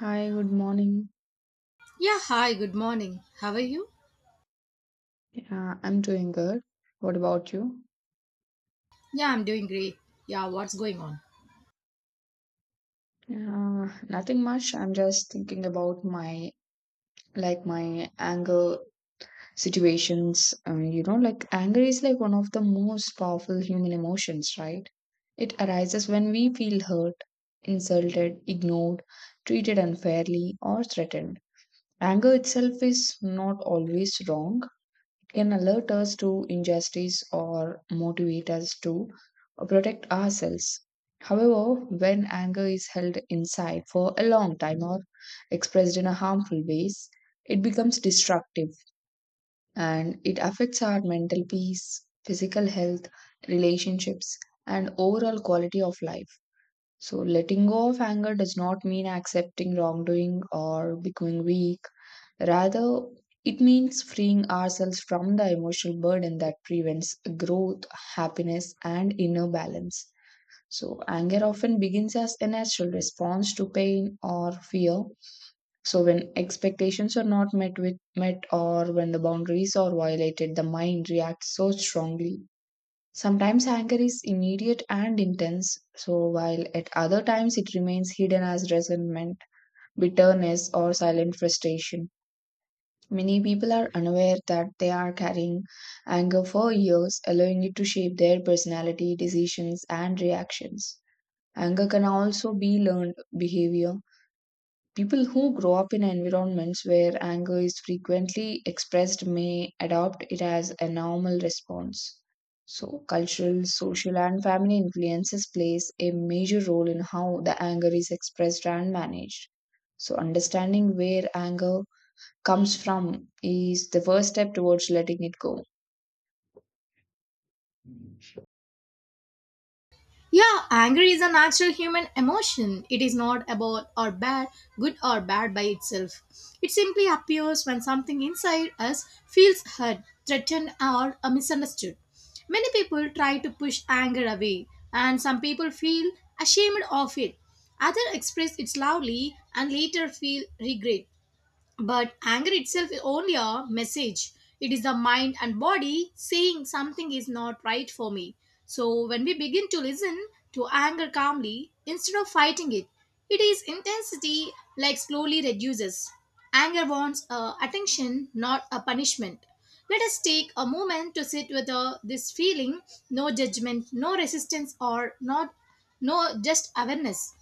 Hi, good morning. Yeah, hi, good morning. How are you? I'm doing good. What about you? Yeah, I'm doing great. Yeah, what's going on? Nothing much. I'm just thinking about my anger situations. Like anger is like one of the most powerful human emotions, right? It arises when we feel hurt, insulted, ignored, treated unfairly, or threatened. Anger itself is not always wrong. Can alert us to injustice or motivate us to protect ourselves. However, when anger is held inside for a long time or expressed in a harmful ways, it becomes destructive and it affects our mental peace, physical health, relationships, and overall quality of life. So, letting go of anger does not mean accepting wrongdoing or becoming weak. Rather, it means freeing ourselves from the emotional burden that prevents growth, happiness, and inner balance. So, anger often begins as a natural response to pain or fear. So, when expectations are not met with met or when the boundaries are violated, the mind reacts so strongly. Sometimes anger is immediate and intense, so while at other times it remains hidden as resentment, bitterness, or silent frustration. Many people are unaware that they are carrying anger for years, allowing it to shape their personality, decisions, and reactions. Anger can also be learned behavior. People who grow up in environments where anger is frequently expressed may adopt it as a normal response. So, cultural, social, and family influences plays a major role in how the anger is expressed and managed. So, understanding where anger comes from is the first step towards letting it go. Yeah, anger is a natural human emotion. It is not about or bad, good or bad by itself. It simply appears when something inside us feels hurt, threatened, or misunderstood. Many people try to push anger away, and some people feel ashamed of it. Others express it loudly and later feel regret. But anger itself is only a message. It is the mind and body saying something is not right for me. So when we begin to listen to anger calmly instead of fighting it, it is intensity like slowly reduces. Anger wants attention, not a punishment. Let us take a moment to sit with this feeling, no judgment, no resistance or not no just awareness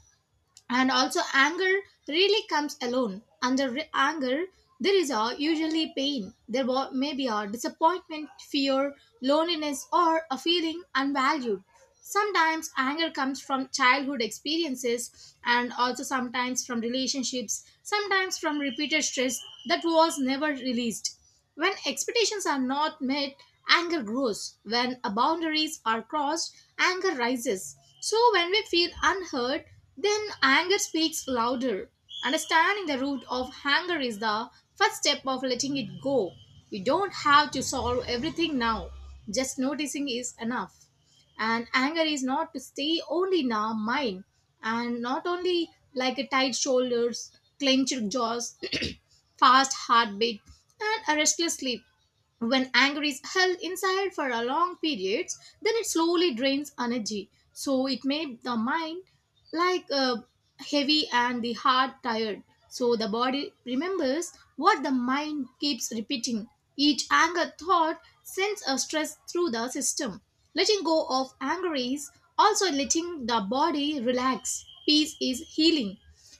and also anger really comes alone under anger there is a usually pain there may be a disappointment, fear, loneliness, or a feeling unvalued. Sometimes anger comes from childhood experiences, and also sometimes from relationships, sometimes from repeated stress that was never released. When expectations are not met, anger grows. When boundaries are crossed, anger rises. So, when we feel unheard, then anger speaks louder. Understanding the root of anger is the first step of letting it go. You don't have to solve everything now, just noticing is enough. And anger is not to stay only in our mind and not only like a tight shoulders, clenched jaws, fast heartbeat, and a restless sleep. When anger is held inside for a long periods, then it slowly drains energy. So it made the mind like heavy and the heart tired. So the body remembers what the mind keeps repeating. Each anger thought sends a stress through the system. Letting go of anger is also letting the body relax. Peace is healing.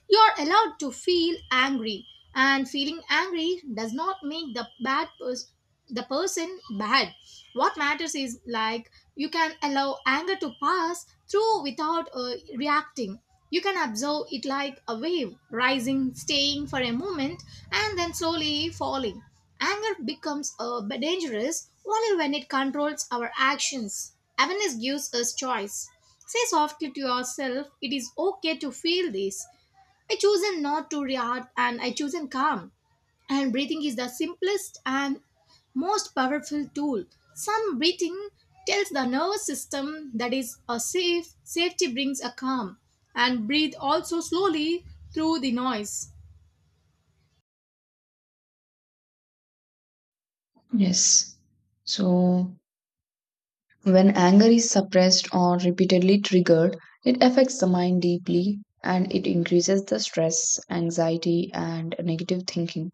You're allowed to feel angry, and feeling angry does not make the the person bad. What matters is like you can allow anger to pass through without reacting. You can observe it like a wave, rising, staying for a moment, and then slowly falling. Anger becomes dangerous only when it controls our actions. Awareness gives us choice. Say softly to yourself, it is okay to feel this. I chosen not to react and I chosen calm. And breathing is the simplest and most powerful tool. Some breathing tells the nervous system that is a safe, safety brings a calm. And breathe also slowly through the noise. Yes. So, when anger is suppressed or repeatedly triggered, it affects the mind deeply and it increases the stress, anxiety, and negative thinking.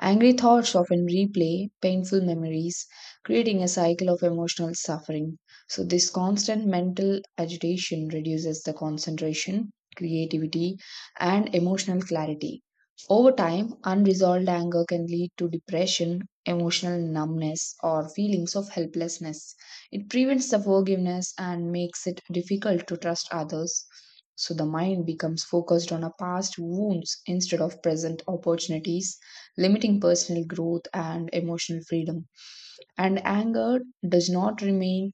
Angry thoughts often replay painful memories, creating a cycle of emotional suffering. So, this constant mental agitation reduces the concentration, creativity, and emotional clarity. Over time, unresolved anger can lead to depression, emotional numbness, or feelings of helplessness. It prevents the forgiveness and makes it difficult to trust others. So, the mind becomes focused on a past wounds instead of present opportunities limiting personal growth and emotional freedom. And anger does not remain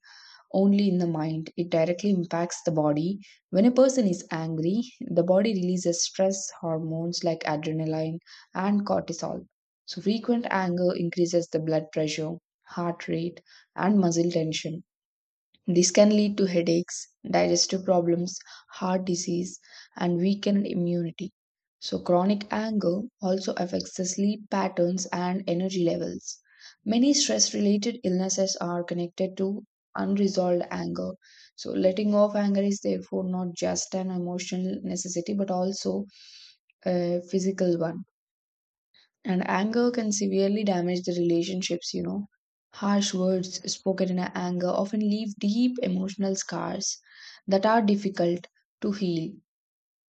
only in the mind, it directly impacts the body. When a person is angry, the body releases stress hormones like adrenaline and cortisol. So, frequent anger increases the blood pressure, heart rate, and muscle tension this can lead to headaches, digestive problems, heart disease, and weakened immunity. So, chronic anger also affects the sleep patterns and energy levels. Many stress related illnesses are connected to unresolved anger. So, letting off anger is therefore not just an emotional necessity but also a physical one and anger can severely damage the relationships. Harsh words spoken in anger often leave deep emotional scars that are difficult to heal.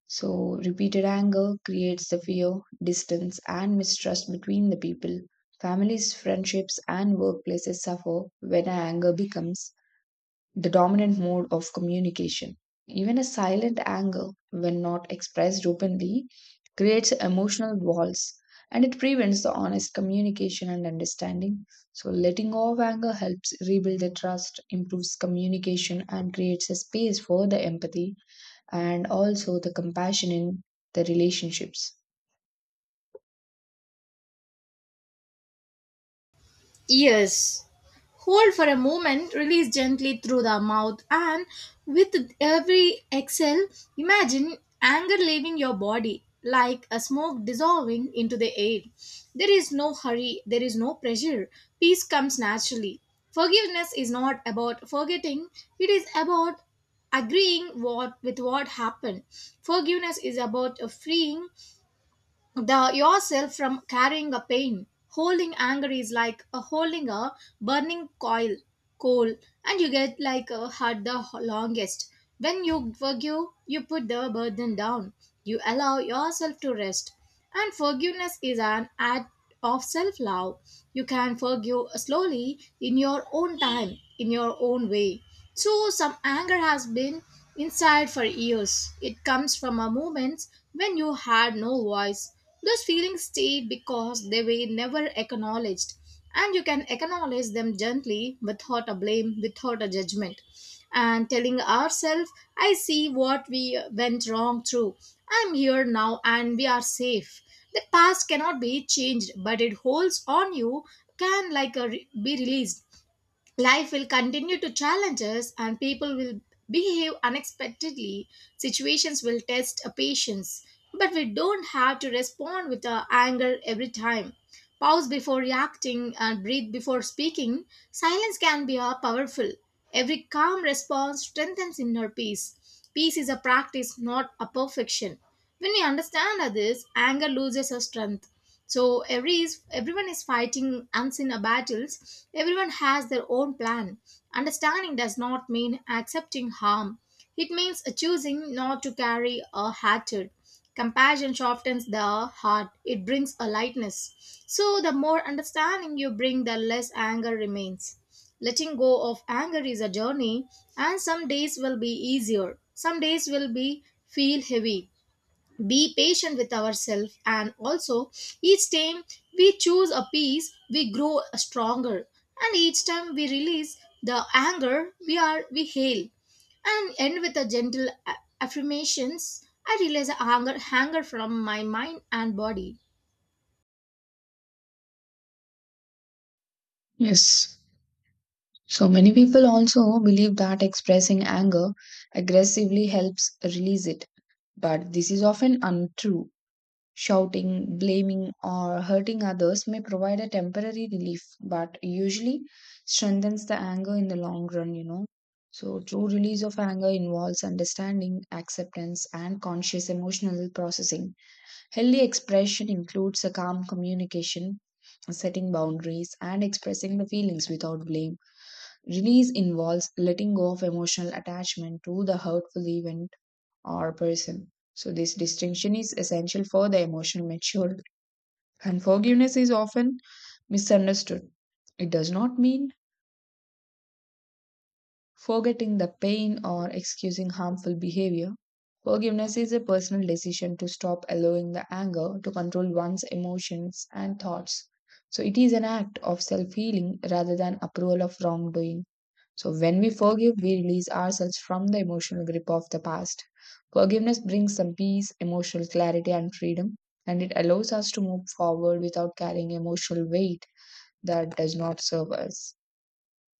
So, repeated anger creates the fear, distance, and mistrust between the people. Families, friendships, and workplaces suffer when anger becomes the dominant mode of communication. Even a silent anger, when not expressed openly, creates emotional walls and it prevents the honest communication and understanding. So, letting go of anger helps rebuild the trust, improves communication, and creates a space for the empathy and also the compassion in the relationships. Yes, hold for a moment, release gently through the mouth, and with every exhale, imagine anger leaving your body like a smoke dissolving into the air. There is no hurry, there is no pressure. Peace comes naturally. Forgiveness is not about forgetting, it is about agreeing what with what happened. Forgiveness is about a freeing the yourself from carrying a pain. Holding anger is like a holding a burning coil, coal, and you get like a hurt the longest. When you forgive, you put the burden down. You allow yourself to rest. And forgiveness is an act of self love. You can forgive slowly in your own time, in your own way. So, some anger has been inside for years. It comes from a moment when you had no voice. Those feelings stayed because they were never acknowledged, and you can acknowledge them gently without a blame, without a judgment. And telling ourselves, I see what we went wrong through. I'm here now and we are safe. The past cannot be changed, but it holds on you, can like a be released. Life will continue to challenge us and people will behave unexpectedly. Situations will test our patience, but we don't have to respond with our anger every time. Pause before reacting and breathe before speaking. Silence can be a powerful. Every calm response strengthens inner peace. Peace is a practice, not a perfection. When we understand others, anger loses its strength. So everyone is fighting unseen battles. Everyone has their own plan. Understanding does not mean accepting harm, it means choosing not to carry a hatred. Compassion softens the heart, it brings a lightness. So the more understanding you bring, the less anger remains. Letting go of anger is a journey, and some days will be easier, some days will be feel heavy. Be patient with ourselves, and also each time we choose a peace we grow stronger, and each time we release the anger we are we hail. And end with a affirmations. I release anger anger from my mind and body. Yes. So many people also believe that expressing anger aggressively helps release it, but this is often untrue. Shouting, blaming, or hurting others may provide a temporary relief, but usually strengthens the anger in the long run. So, true release of anger involves understanding, acceptance, and conscious emotional processing. Healthy expression includes a calm communication, setting boundaries, and expressing the feelings without blame. Release involves letting go of emotional attachment to the hurtful event or person. So, this distinction is essential for the emotional maturity. And forgiveness is often misunderstood. It does not mean forgetting the pain or excusing harmful behavior. Forgiveness is a personal decision to stop allowing the anger to control one's emotions and thoughts. So, it is an act of self healing rather than approval of wrongdoing. So, when we forgive, we release ourselves from the emotional grip of the past. Forgiveness brings some peace, emotional clarity, and freedom, and it allows us to move forward without carrying emotional weight that does not serve us.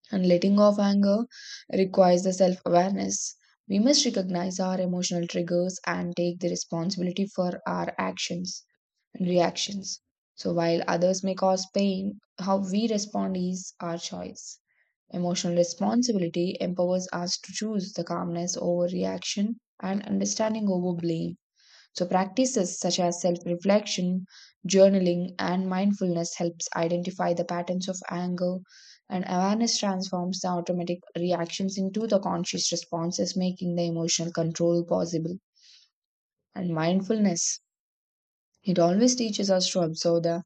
And letting go of anger requires the self awareness. We must recognize our emotional triggers and take the responsibility for our actions and reactions. So, while others may cause pain, how we respond is our choice. Emotional responsibility empowers us to choose the calmness over reaction and understanding over blame. So practices such as self-reflection, journaling, and mindfulness helps identify the patterns of anger and awareness transforms the automatic reactions into the conscious responses, making the emotional control possible. And mindfulness. It always teaches us to observe the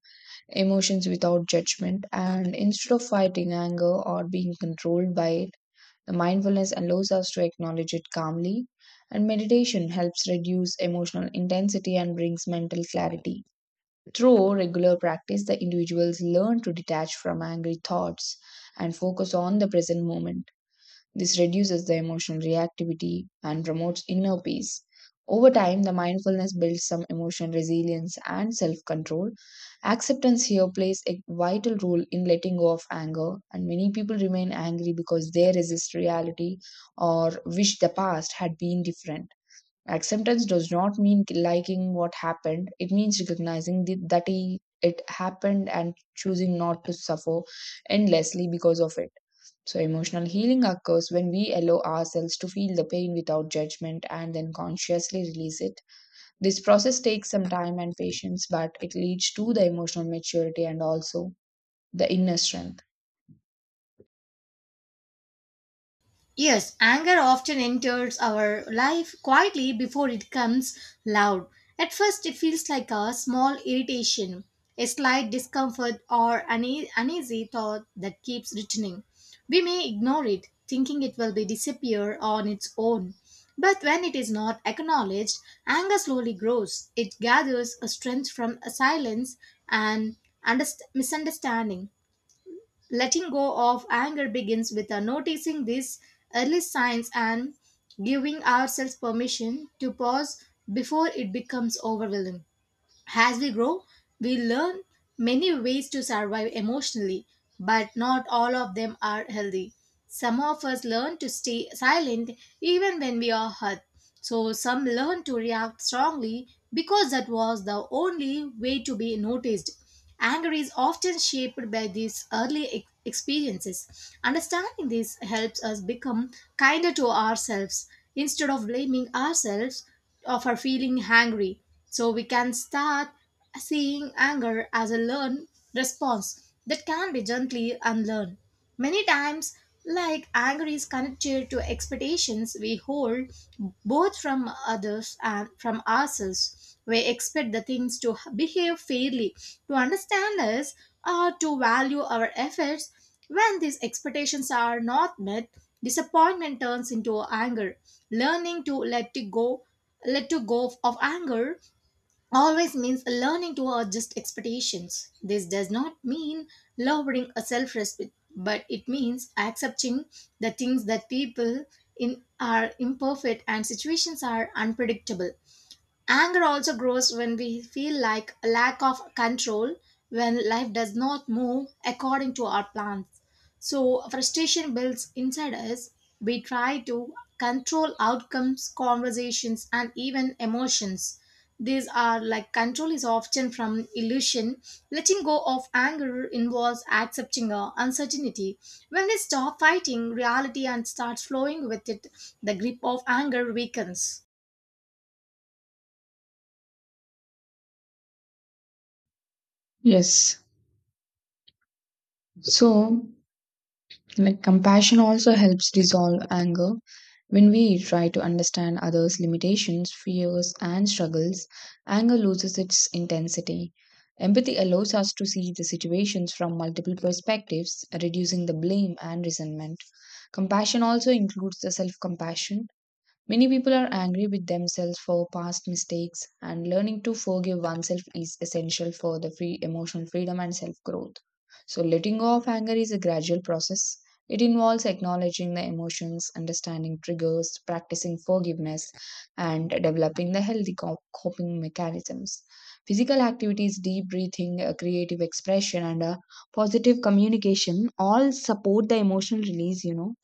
emotions without judgment and instead of fighting anger or being controlled by it, the mindfulness allows us to acknowledge it calmly, and meditation helps reduce emotional intensity and brings mental clarity. Through regular practice, the individuals learn to detach from angry thoughts and focus on the present moment. This reduces the emotional reactivity and promotes inner peace. Over time, the mindfulness builds some emotional resilience and self control. Acceptance here plays a vital role in letting go of anger, and many people remain angry because they resist reality or wish the past had been different. Acceptance does not mean liking what happened, it means recognizing it happened and choosing not to suffer endlessly because of it. So, emotional healing occurs when we allow ourselves to feel the pain without judgment and then consciously release it. This process takes some time and patience, but it leads to the emotional maturity and also the inner strength. Yes, anger often enters our life quietly before it comes loud. At first, it feels like a small irritation, a slight discomfort, or an uneasy thought that keeps returning. We may ignore it, thinking it will be disappear on its own. But when it is not acknowledged, anger slowly grows. It gathers a strength from a silence and misunderstanding. Letting go of anger begins with noticing these early signs and giving ourselves permission to pause before it becomes overwhelming. As we grow, we learn many ways to survive emotionally, but not all of them are healthy. Some of us learn to stay silent even when we are hurt. So some learn to react strongly because that was the only way to be noticed. Anger is often shaped by these experiences. Understanding this helps us become kinder to ourselves instead of blaming ourselves of our feeling angry. So we can start seeing anger as a learned response that can be gently unlearned. Many times, like anger is connected to expectations we hold both from others and from ourselves. We expect the things to behave fairly, to understand us, or to value our efforts. When these expectations are not met, disappointment turns into anger. Learning to let it go, let to go of anger always means learning to adjust expectations. This does not mean lowering a self respect, but it means accepting the things that people in are imperfect and situations are unpredictable. Anger also grows when we feel like a lack of control when life does not move according to our plans. So, frustration builds inside us. We try to control outcomes, conversations, and even emotions. These are like control is often from illusion. Letting go of anger involves accepting uncertainty. When we stop fighting reality and start flowing with it, the grip of anger weakens. Yes. So, like compassion also helps dissolve anger. When we try to understand others' limitations, fears, and struggles, anger loses its intensity. Empathy allows us to see the situations from multiple perspectives, reducing the blame and resentment. Compassion also includes the self compassion. Many people are angry with themselves for past mistakes, and learning to forgive oneself is essential for the free emotional freedom and self growth. So, letting go of anger is a gradual process. It involves acknowledging the emotions, understanding triggers, practicing forgiveness, and developing the healthy coping mechanisms. Physical activities, deep breathing, creative expression, and positive communication all support the emotional release.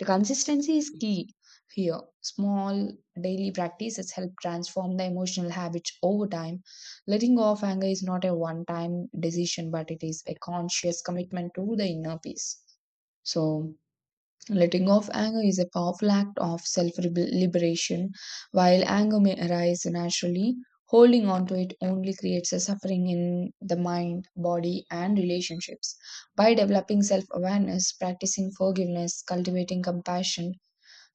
The consistency is key here, small daily practices help transform the emotional habits over time. Letting go of anger is not a one time decision, but it is a conscious commitment to the inner peace. So, letting go of anger is a powerful act of self liberation. While anger may arise naturally, holding on to it only creates a suffering in the mind, body, and relationships. By developing self awareness, practicing forgiveness, cultivating compassion,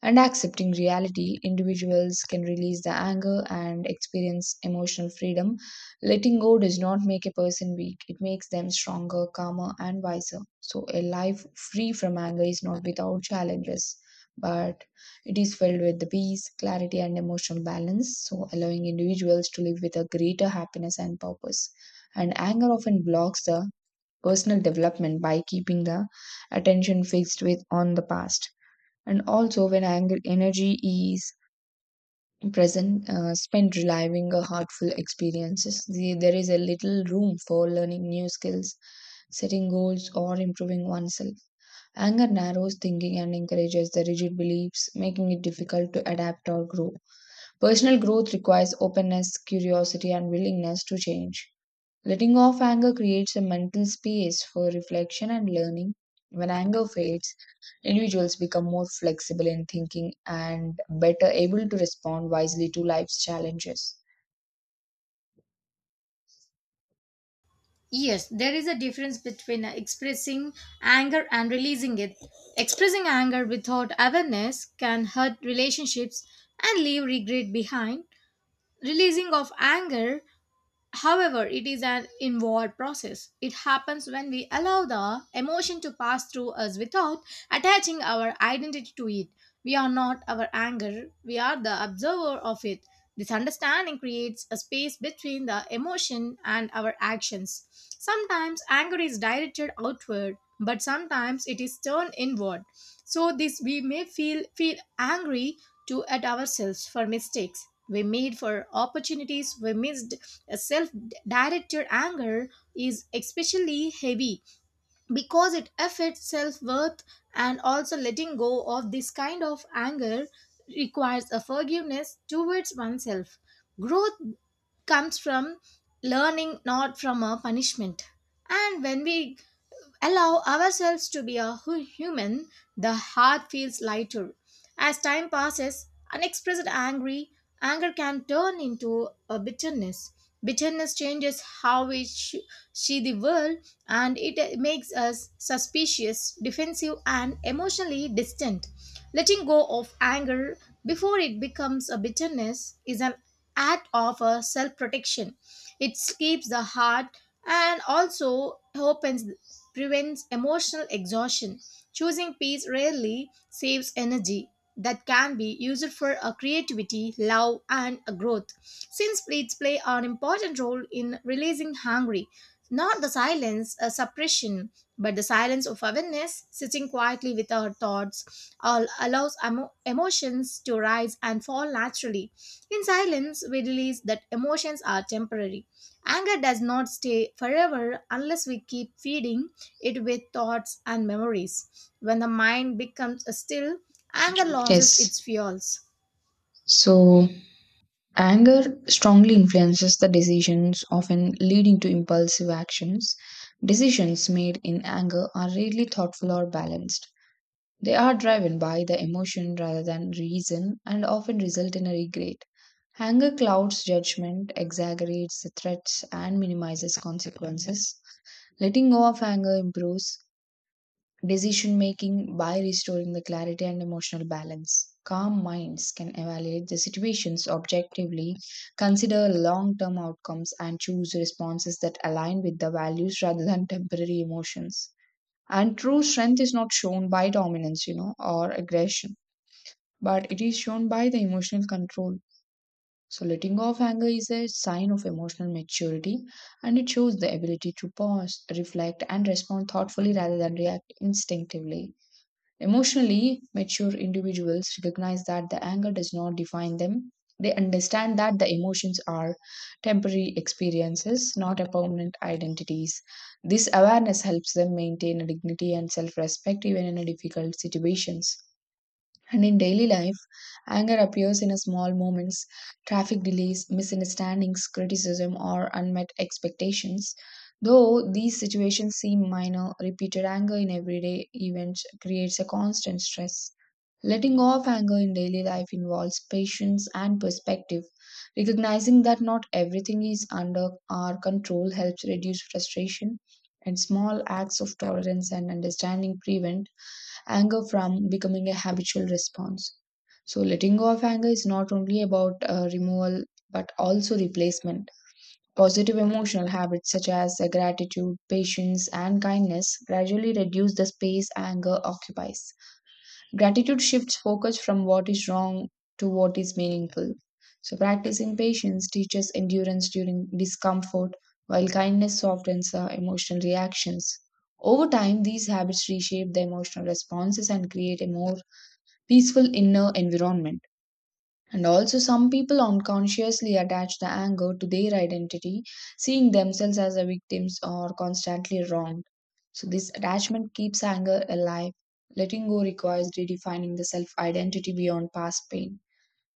and accepting reality, individuals can release the anger and experience emotional freedom. Letting go does not make a person weak, it makes them stronger, calmer, and wiser. So, a life free from anger is not without challenges, but it is filled with the peace, clarity, and emotional balance, so allowing individuals to live with a greater happiness and purpose. And anger often blocks the personal development by keeping the attention fixed with on the past and also when anger energy is present spent reliving a heartful experiences the, there is a little room for learning new skills setting goals or improving oneself anger narrows thinking and encourages the rigid beliefs making it difficult to adapt or grow personal growth requires openness curiosity and willingness to change. Letting off anger creates a mental space for reflection and learning. When anger fades, individuals become more flexible in thinking and better able to respond wisely to life's challenges. Yes, there is a difference between expressing anger and releasing it. Expressing anger without awareness can hurt relationships and leave regret behind. Releasing of anger, however, it is an inward process. It happens when we allow the emotion to pass through us without attaching our identity to it. We are not our anger, we are the observer of it. This understanding creates a space between the emotion and our actions. Sometimes anger is directed outward, but sometimes it is turned inward. So this we may feel angry to at ourselves for mistakes we made, for opportunities we missed. Self directed anger is especially heavy because it affects self worth. And also letting go of this kind of anger requires a forgiveness towards oneself. Growth comes from learning, not from a punishment. And when we allow ourselves to be a human, the heart feels lighter. As time passes, unexpressed angry anger can turn into a bitterness. Bitterness changes how we see the world and it makes us suspicious, defensive, and emotionally distant. Letting go of anger before it becomes a bitterness is an act of self protection. It keeps the heart and also opens prevents emotional exhaustion. Choosing peace rarely saves energy that can be used for a creativity, love, and a growth. Since plates play an important role in releasing hungry, not the silence a suppression, but the silence of awareness, sitting quietly with our thoughts, all allows emotions to rise and fall naturally. In silence, we release that emotions are temporary. Anger does not stay forever unless we keep feeding it with thoughts and memories. When the mind becomes still, anger loses its Yes, fuels. so anger strongly influences the decisions, often leading to impulsive actions. Decisions made in anger are rarely thoughtful or balanced. They are driven by the emotion rather than reason and often result in a regret. Anger clouds judgment, exaggerates the threats, and minimizes consequences. Letting go of anger improves decision making by restoring the clarity and emotional balance. Calm minds can evaluate the situations objectively, consider long term outcomes, and choose responses that align with the values rather than temporary emotions. And true strength is not shown by or aggression, but it is shown by the emotional control. So, letting go of anger is a sign of emotional maturity and it shows the ability to pause, reflect, and respond thoughtfully rather than react instinctively. Emotionally mature individuals recognize that the anger does not define them. They understand that the emotions are temporary experiences, not a permanent identities. This awareness helps them maintain a dignity and self respect even in a difficult situations. And in daily life, anger appears in a small moments, traffic delays, misunderstandings, criticism, or unmet expectations. Though these situations seem minor, repeated anger in everyday events creates a constant stress. Letting go of anger in daily life involves patience and perspective. Recognizing that not everything is under our control helps reduce frustration, and small acts of tolerance and understanding prevent anger from becoming a habitual response. So, letting go of anger is not only about removal but also replacement. Positive emotional habits such as gratitude, patience, and kindness gradually reduce the space anger occupies. Gratitude shifts focus from what is wrong to what is meaningful. So, practicing patience teaches endurance during discomfort, while kindness softens our emotional reactions. Over time, these habits reshape the emotional responses and create a more peaceful inner environment. And also, some people unconsciously attach the anger to their identity, seeing themselves as the victims or constantly wronged. So, this attachment keeps anger alive. Letting go requires redefining the self identity beyond past pain.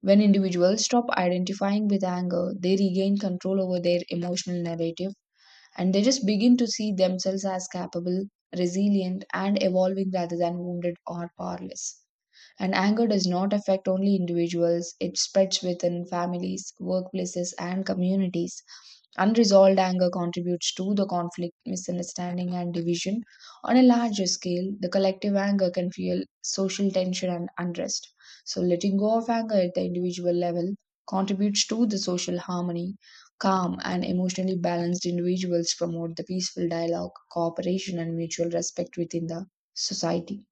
When individuals stop identifying with anger, they regain control over their emotional narrative and they just begin to see themselves as capable, resilient, and evolving rather than wounded or powerless. And anger does not affect only individuals, it spreads within families, workplaces, and communities. Unresolved anger contributes to the conflict, misunderstanding, and division. On a larger scale, the collective anger can fuel social tension and unrest. So, letting go of anger at the individual level contributes to the social harmony. Calm and emotionally balanced individuals promote the peaceful dialogue, cooperation, and mutual respect within the society.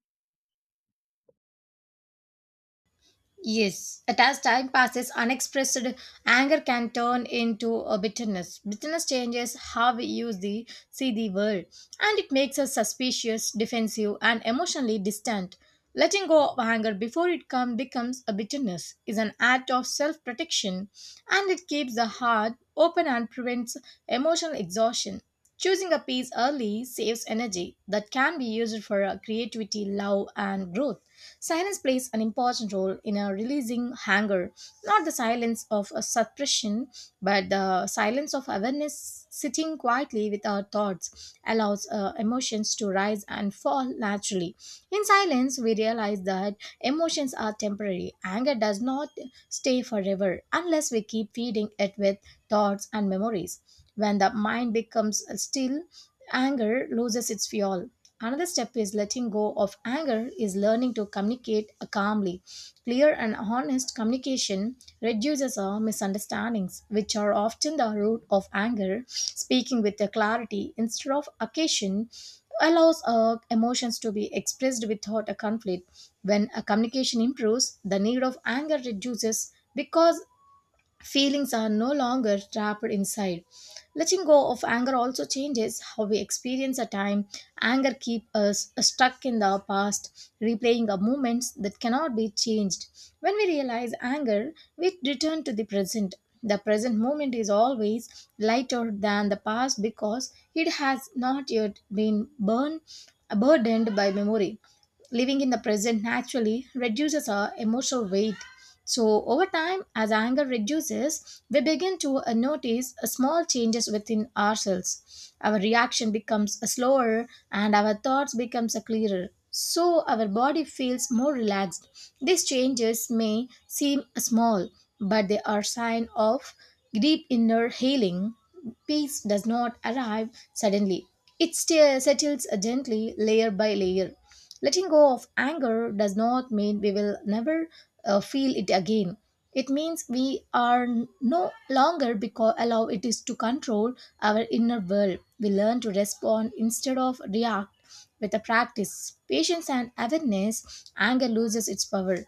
Yes, and as time passes, unexpressed anger can turn into a bitterness. Bitterness changes how we use the see the world, and it makes us suspicious, defensive, and emotionally distant. Letting go of anger before it come becomes a bitterness is an act of self-protection, and it keeps the heart open and prevents emotional exhaustion. Choosing a peace early saves energy that can be used for creativity, love, and growth. Silence plays an important role in a releasing anger, not the silence of a suppression, but the silence of awareness. Sitting quietly with our thoughts allows emotions to rise and fall naturally. In silence, we realize that emotions are temporary. Anger does not stay forever unless we keep feeding it with thoughts and memories. When the mind becomes still, anger loses its fuel. Another step is letting go of anger is learning to communicate calmly. Clear and honest communication reduces our misunderstandings, which are often the root of anger. Speaking with the clarity instead of occasion allows our emotions to be expressed without a conflict. When a communication improves, the need of anger reduces because feelings are no longer trapped inside. Letting go of anger also changes how we experience a time. Anger keeps us stuck in the past, replaying a moments that cannot be changed. When we realize anger, we return to the present. The present moment is always lighter than the past because it has not yet been burned, burdened by memory living in the present naturally reduces our emotional weight. So, over time, as anger reduces, we begin to notice small changes within ourselves. Our reaction becomes slower and our thoughts becomes clearer. So, our body feels more relaxed. These changes may seem small, but they are sign of deep inner healing. Peace does not arrive suddenly. It settles gently, layer by layer. Letting go of anger does not mean we will never feel it again. It means we are no longer because allow it is to control our inner world. We learn to respond instead of react with the practice, patience, and awareness. Anger loses its power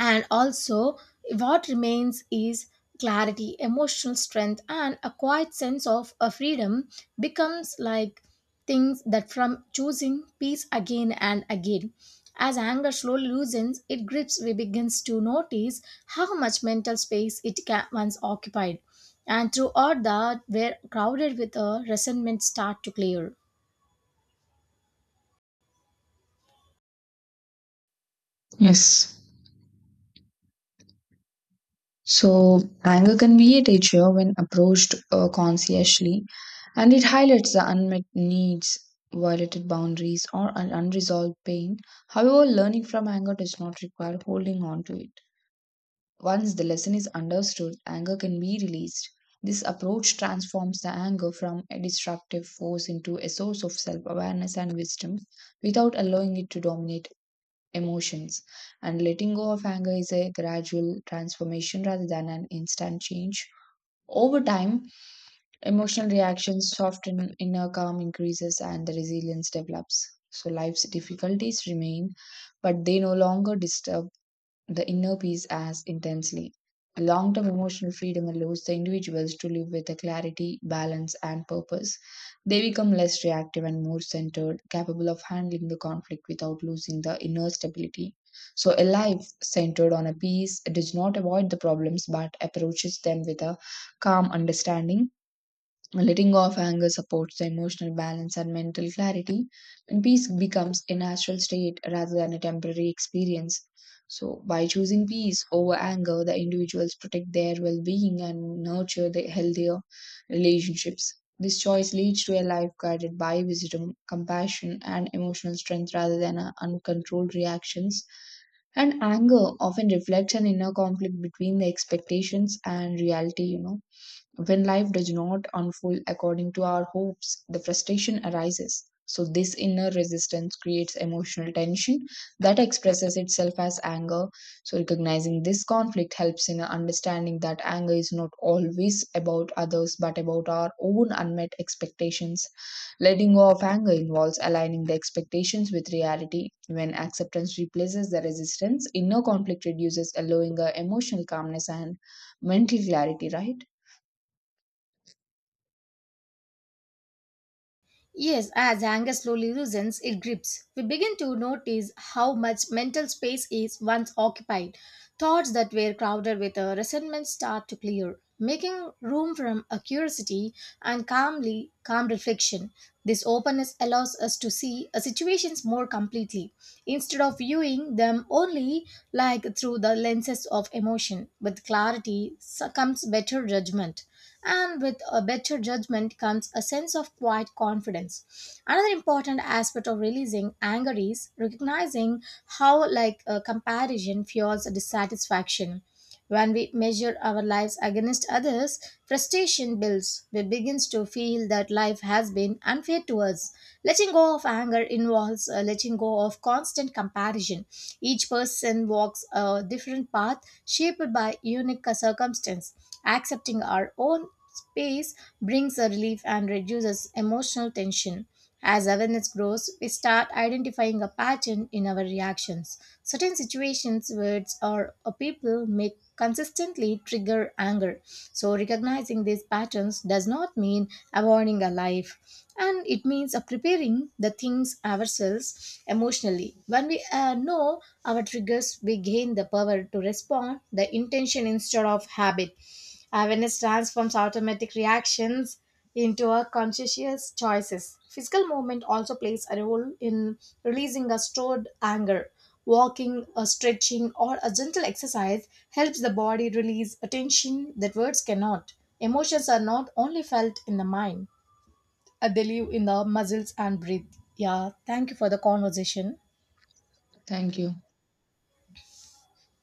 and also what remains is clarity emotional strength and a quiet sense of a freedom becomes like things that from choosing peace again and again as anger slowly loosens it grips we begins to notice how much mental space it once occupied and throughout that where crowded with a resentment start to clear. Yes. So, anger can be a teacher when approached consciously, and it highlights the unmet needs, violated boundaries, or an unresolved pain. However, learning from anger does not require holding on to it. Once the lesson is understood, anger can be released. This approach transforms the anger from a destructive force into a source of self awareness and wisdom without allowing it to dominate emotions. And letting go of anger is a gradual transformation rather than an instant change. Over time, emotional reactions soften, inner calm increases, and the resilience develops. So, life's difficulties remain, but they no longer disturb the inner peace as intensely. Long term emotional freedom allows the individuals to live with a clarity, balance, and purpose. They become less reactive and more centered, capable of handling the conflict without losing the inner stability. So, a life centered on a peace does not avoid the problems but approaches them with a calm understanding. Letting go of anger supports the emotional balance and mental clarity, and peace becomes a natural state rather than a temporary experience. So, by choosing peace over anger, the individuals protect their well being and nurture the healthier relationships. This choice leads to a life guided by wisdom, compassion, and emotional strength rather than uncontrolled reactions. And anger often reflects an inner conflict between the expectations and reality, you know, when life does not unfold according to our hopes, the frustration arises. So, this inner resistance creates emotional tension that expresses itself as anger. So, recognizing this conflict helps in understanding that anger is not always about others but about our own unmet expectations. Letting go of anger involves aligning the expectations with reality. When acceptance replaces the resistance, inner conflict reduces, allowing a emotional calmness and mental clarity, right? Yes, as anger slowly loosens its grips, we begin to notice how much mental space is once occupied. Thoughts that were crowded with a resentment start to clear, making room for a curiosity and calm reflection. This openness allows us to see situations more completely instead of viewing them only like through the lenses of emotion. With clarity comes better judgment, and with a better judgment comes a sense of quiet confidence. Another important aspect of releasing anger is recognizing how like a comparison fuels dissatisfaction when we measure our lives against others, frustration builds. We begin to feel that life has been unfair to us. Letting go of anger involves letting go of constant comparison. Each person walks a different path shaped by unique circumstance. Accepting our own space brings a relief and reduces emotional tension. As awareness grows, we start identifying a pattern in our reactions. Certain situations, words, or a people may consistently trigger anger. So, recognizing these patterns does not mean avoiding a life, and it means preparing the things ourselves emotionally. When we know our triggers, we gain the power to respond the intention instead of habit. Awareness transforms automatic reactions into a conscious choices. Physical movement also plays a role in releasing a stored anger. Walking, a stretching, or a gentle exercise helps the body release a tension that words cannot. Emotions are not only felt in the mind, they live in the muscles and breathe. Yeah, thank you for the conversation. Thank you.